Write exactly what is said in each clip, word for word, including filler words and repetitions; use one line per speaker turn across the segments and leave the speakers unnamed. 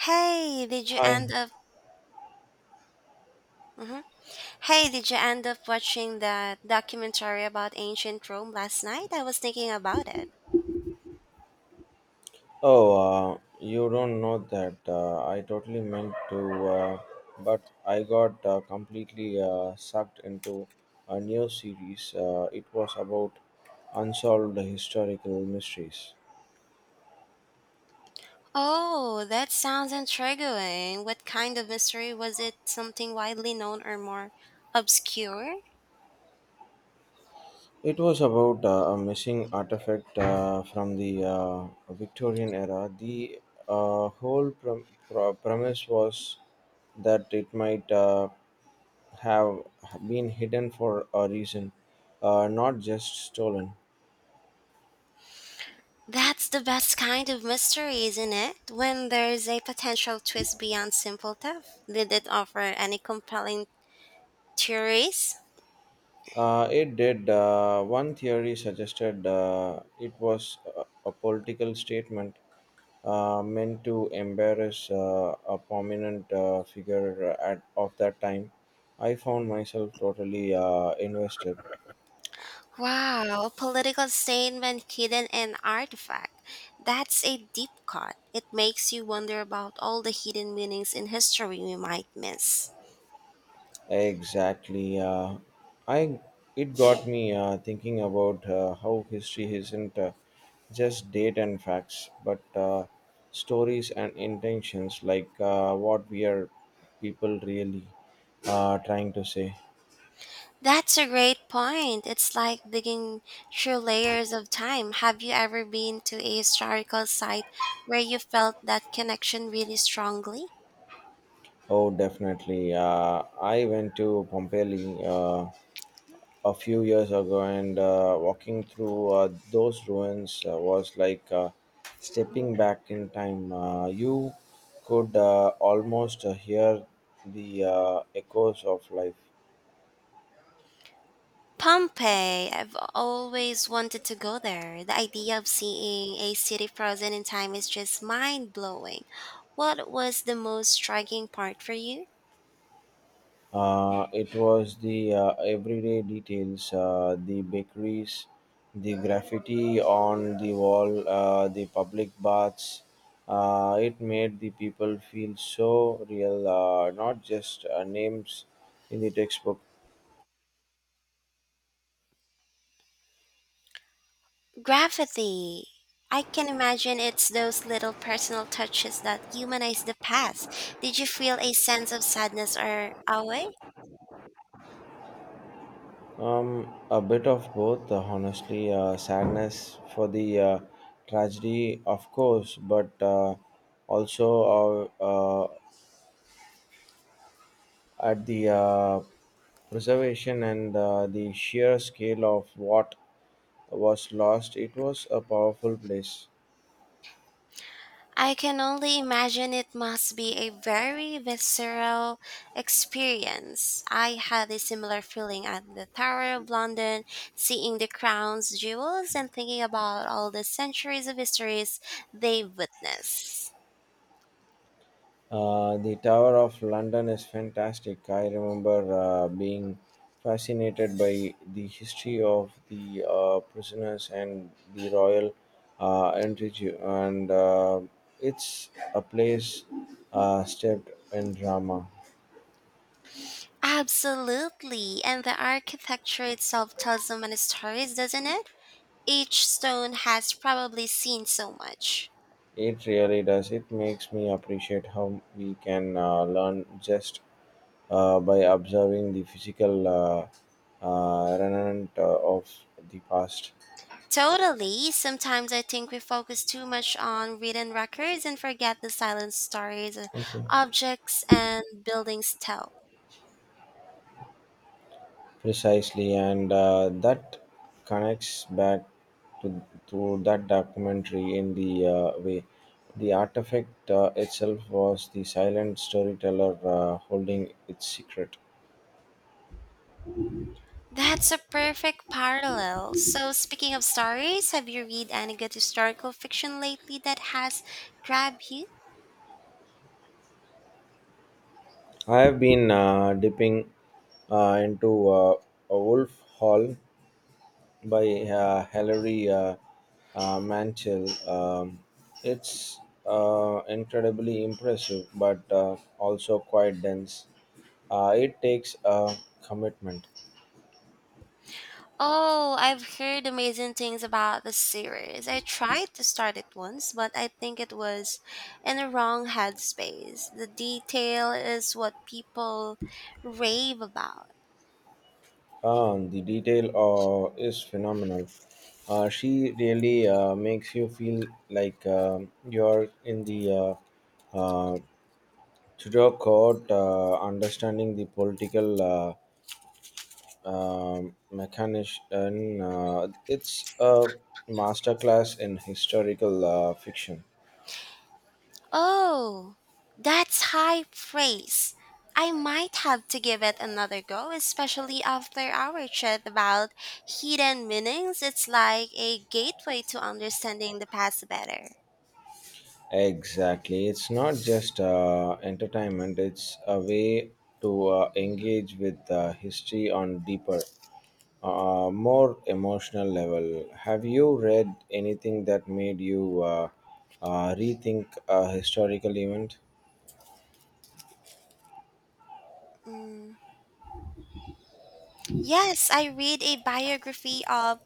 Hey, did you
Hi.
end up? Mhm. Hey, did you end up watching that documentary about ancient Rome last night? I was thinking about it.
Oh, uh, you don't know that. Uh, I totally meant to, uh, but I got uh, completely uh, sucked into a new series. Uh, it was about unsolved historical mysteries.
Oh, that sounds intriguing. What kind of mystery was it? Something widely known or more obscure?
It was about uh, a missing artifact uh, from the uh, Victorian era. The uh, whole prom- pro- premise was that it might uh, have been hidden for a reason, uh, not just stolen.
That's the best kind of mystery, isn't it? When there's a potential twist beyond simple theft. Did it offer any compelling theories?
Uh, it did. Uh, one theory suggested uh, it was a, a political statement uh, meant to embarrass uh, a prominent uh, figure at, of that time. I found myself totally uh, invested.
Wow, a political statement hidden in artifact. That's a deep cut. It makes you wonder about all the hidden meanings in history we might miss.
Exactly. Uh, I It got me uh, thinking about uh, how history isn't uh, just date and facts, but uh, stories and intentions, like uh, what we are people really uh, trying to say.
That's a great point. It's like digging through layers of time. Have you ever been to a historical site where you felt that connection really strongly?
Oh, definitely. Uh, I went to Pompeii. Uh, a few years ago, and uh, walking through uh, those ruins uh, was like uh, stepping back in time. Uh, you could uh, almost uh, hear the uh, echoes of life.
Pompeii, I've always wanted to go there. The idea of seeing a city frozen in time is just mind blowing. What was the most striking part for you?
Uh, it was the uh, everyday details, uh, the bakeries, the graffiti on the wall, uh, the public baths. Uh, it made the people feel so real, uh, not just uh, names in the textbook.
Graffiti. I can imagine it's those little personal touches that humanize the past. Did you feel a sense of sadness or awe?
Um, a bit of both, uh, honestly. Uh, sadness for the uh, tragedy, of course, but uh, also uh, uh, at the uh, preservation and uh, the sheer scale of what was lost. It was a powerful place.
I can only imagine it must be a very visceral experience. I had a similar feeling at the Tower of London, seeing the crown's jewels and thinking about all the centuries of histories they've witnessed.
Uh, the Tower of London is fantastic. I remember uh, being fascinated by the history of the uh, prisoners and the royal uh, entry, and uh, it's a place uh, steeped in drama.
Absolutely, and the architecture itself tells so many stories, doesn't it? Each stone has probably seen so much.
It really does. It makes me appreciate how we can uh, learn just uh, by observing the physical uh, uh, remnant uh, of the past.
Totally. Sometimes I think we focus too much on written records and forget the silent stories uh,
Thank you.
objects and buildings tell.
Precisely, and uh, that connects back to, to that documentary in the uh, way. The artifact uh, itself was the silent storyteller uh, holding its secret.
That's a perfect parallel. So, speaking of stories, have you read any good historical fiction lately that has grabbed you?
I have been uh, dipping uh, into uh, a Wolf Hall by uh, Hilary uh, uh, Mantel. Um, it's uh, incredibly impressive, but uh, also quite dense. Uh, it takes a commitment.
Oh, I've heard amazing things about the series. I tried to start it once, but I think it was in the wrong headspace. The detail is what people rave about.
Uh, the detail uh, is phenomenal. Uh, she really uh, makes you feel like um you're in the uh, uh, Tudor court, uh, understanding the political uh, um mechanism. Uh, it's a masterclass in historical uh, fiction.
Oh, that's high praise. I might have to give it another go, especially after our chat about hidden meanings. It's like a gateway to understanding the past better.
Exactly. It's not just uh, entertainment, it's a way to uh, engage with uh, history on deeper, uh, more emotional level. Have you read anything that made you uh, uh, rethink a historical event?
Mm. Yes, I read a biography of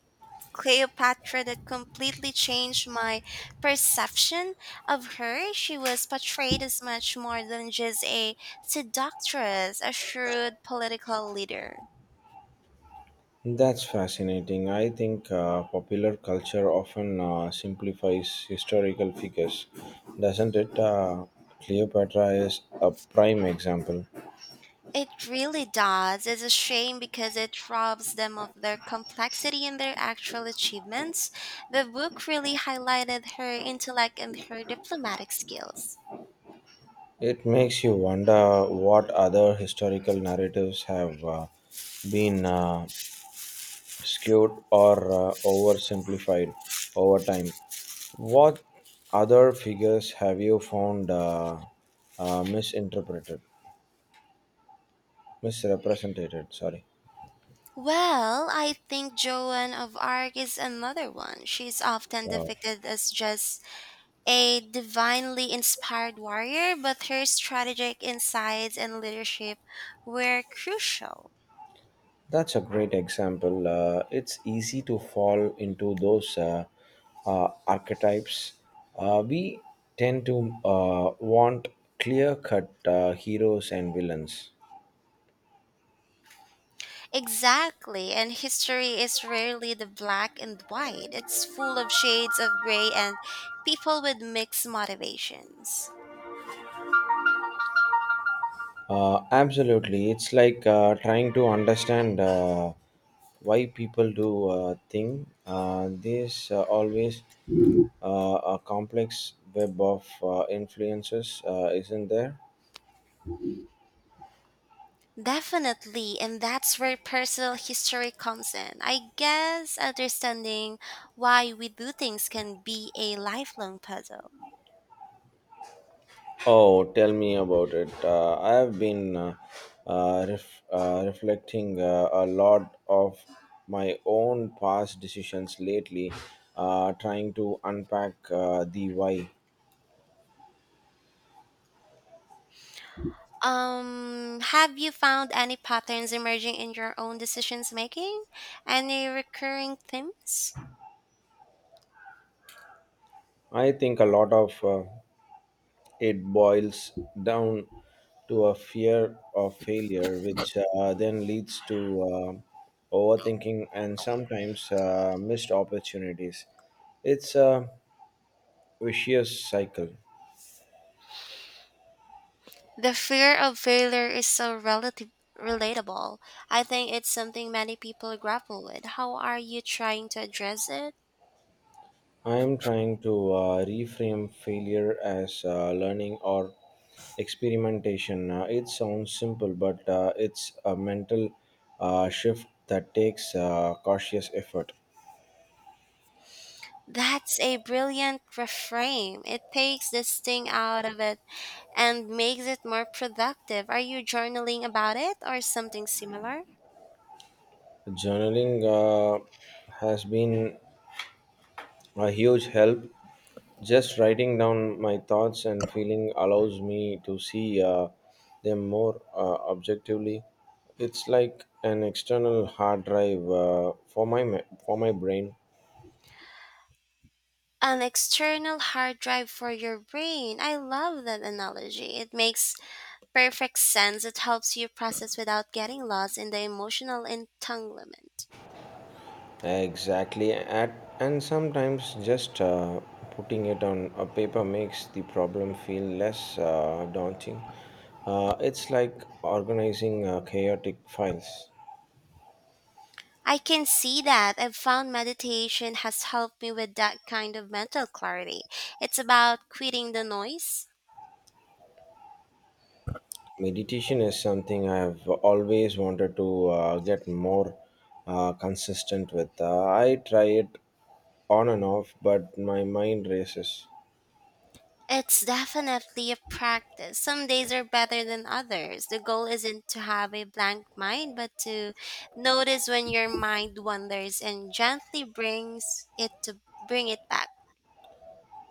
Cleopatra that completely changed my perception of her. She was portrayed as much more than just a seductress, a shrewd political leader.
That's fascinating. I think uh, popular culture often uh, simplifies historical figures, doesn't it? Uh, Cleopatra is a prime example.
It really does. It's a shame because it robs them of their complexity and their actual achievements. The book really highlighted her intellect and her diplomatic skills.
It makes you wonder what other historical narratives have uh, been uh, skewed or uh, oversimplified over time. What other figures have you found uh, uh, misinterpreted, misrepresented? Sorry.
Well, I think Joan of Arc is another one. She's often
Wow.
depicted as just a divinely inspired warrior, but her strategic insights and leadership were crucial.
That's a great example. Uh, it's easy to fall into those uh, uh, archetypes. Uh, we tend to uh, want clear cut uh, heroes and villains.
Exactly, and history is rarely the black and white. It's full of shades of gray and people with mixed motivations.
Uh, absolutely. It's like uh, trying to understand uh, why people do uh, thing. Uh, there's uh, always uh, a complex web of uh, influences, uh, isn't there?
Definitely, and that's where personal history comes in. I guess understanding why we do things can be a lifelong puzzle.
Oh, tell me about it. Uh, I have been uh, uh, ref- uh, reflecting uh, a lot of my own past decisions lately, uh, trying to unpack uh, the why.
Um, have you found any patterns emerging in your own decisions making? Any recurring themes?
I think a lot of uh, it boils down to a fear of failure, which uh, then leads to uh, overthinking and sometimes uh, missed opportunities. It's a vicious cycle.
The fear of failure is so relative relatable. I think it's something many people grapple with. How are you trying to address it?
I am trying to uh, reframe failure as uh, learning or experimentation. Uh, it sounds simple, but uh, it's a mental uh, shift that takes uh, cautious effort.
That's a brilliant reframe. It takes this thing out of it and makes it more productive. Are you journaling about it or something similar?
Journaling uh, has been a huge help. Just writing down my thoughts and feeling allows me to see uh, them more uh, objectively. It's like an external hard drive uh, for my ma- for my brain.
An external hard drive for your brain. I love that analogy. It makes perfect sense. It helps you process without getting lost in the emotional entanglement.
Exactly, at, and sometimes just uh, putting it on a paper makes the problem feel less uh, daunting. Uh, it's like organizing uh, chaotic files.
I can see that. I've found meditation has helped me with that kind of mental clarity. It's about quitting the noise.
Meditation is something I have always wanted to uh, get more uh, consistent with. Uh, I try it on and off, but my mind races.
It's definitely a practice. Some days are better than others. The goal isn't to have a blank mind, but to notice when your mind wanders and gently brings it to bring it back.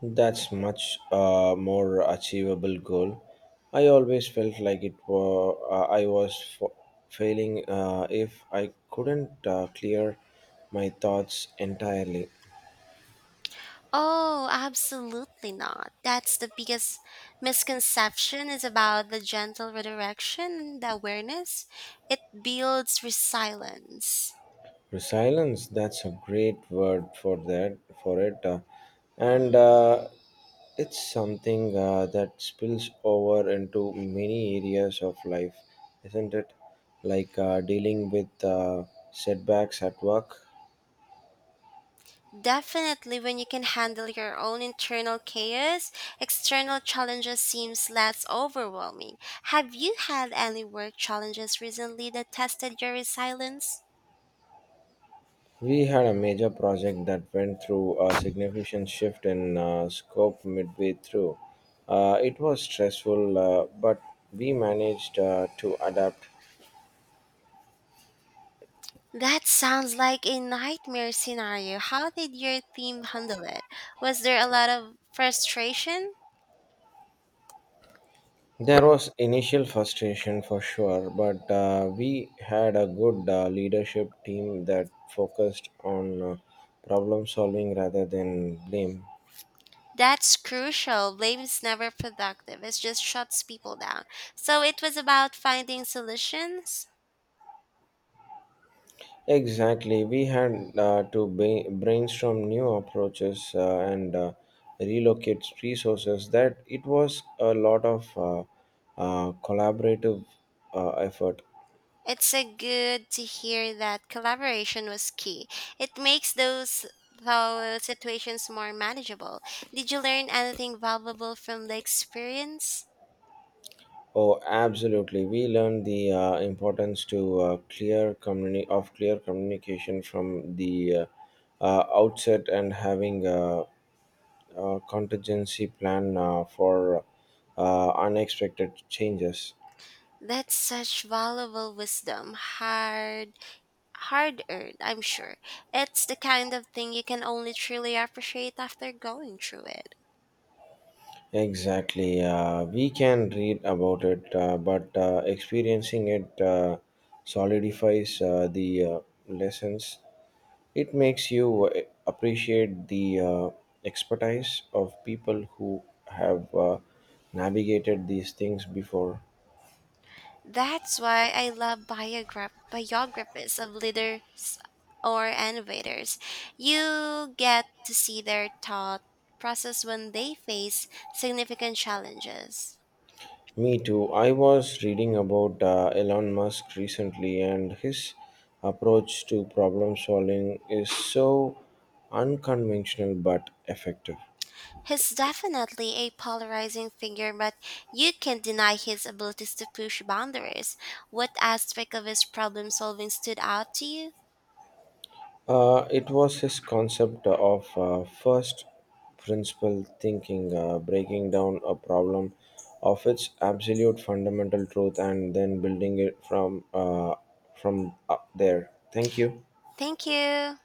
That's much uh, more achievable goal. I always felt like it was uh, I was f- failing uh, if I couldn't uh, clear my thoughts entirely.
Oh, absolutely not. That's the biggest misconception is about the gentle redirection, the awareness. It builds resilience.
Resilience, that's a great word for that for it, uh, and uh, it's something uh, that spills over into many areas of life, isn't it? Like uh, dealing with uh, setbacks at work.
Definitely when you can handle your own internal chaos, external challenges seems less overwhelming. Have you had any work challenges recently that tested your resilience?
We had a major project that went through a significant shift in uh, scope midway through. Uh, it was stressful, uh, but we managed uh, to adapt.
That sounds like a nightmare scenario. How did your team handle it? Was there a lot of frustration?
There was initial frustration for sure, but uh, we had a good uh, leadership team that focused on uh, problem solving rather than blame.
That's crucial. Blame is never productive. It just shuts people down. So it was about finding solutions.
Exactly. We had uh, to ba- brainstorm new approaches uh, and uh, relocate resources. That it was a lot of uh, uh, collaborative uh, effort.
It's a good to hear that collaboration was key. It makes those those situations more manageable. Did you learn anything valuable from the experience?
Oh, absolutely. We learned the uh, importance to uh, clear communi- of clear communication from the uh, uh, outset and having a, a contingency plan uh, for uh, unexpected changes.
That's such valuable wisdom. Hard hard earned, I'm sure. It's the kind of thing you can only truly appreciate after going through it.
Exactly. Uh, we can read about it, uh, but uh, experiencing it uh, solidifies uh, the uh, lessons. It makes you uh, appreciate the uh, expertise of people who have uh, navigated these things before.
That's why I love biograph- biographies of leaders or innovators. You get to see their thought process when they face significant challenges.
Me too. I was reading about uh, Elon Musk recently, and his approach to problem solving is so unconventional but effective.
He's definitely a polarizing figure, but you can't deny his abilities to push boundaries. What aspect of his problem solving stood out to you?
Uh, it was his concept of uh, first principle thinking, uh, breaking down a problem of its absolute fundamental truth and then building it from uh, from up there. Thank you.
Thank you.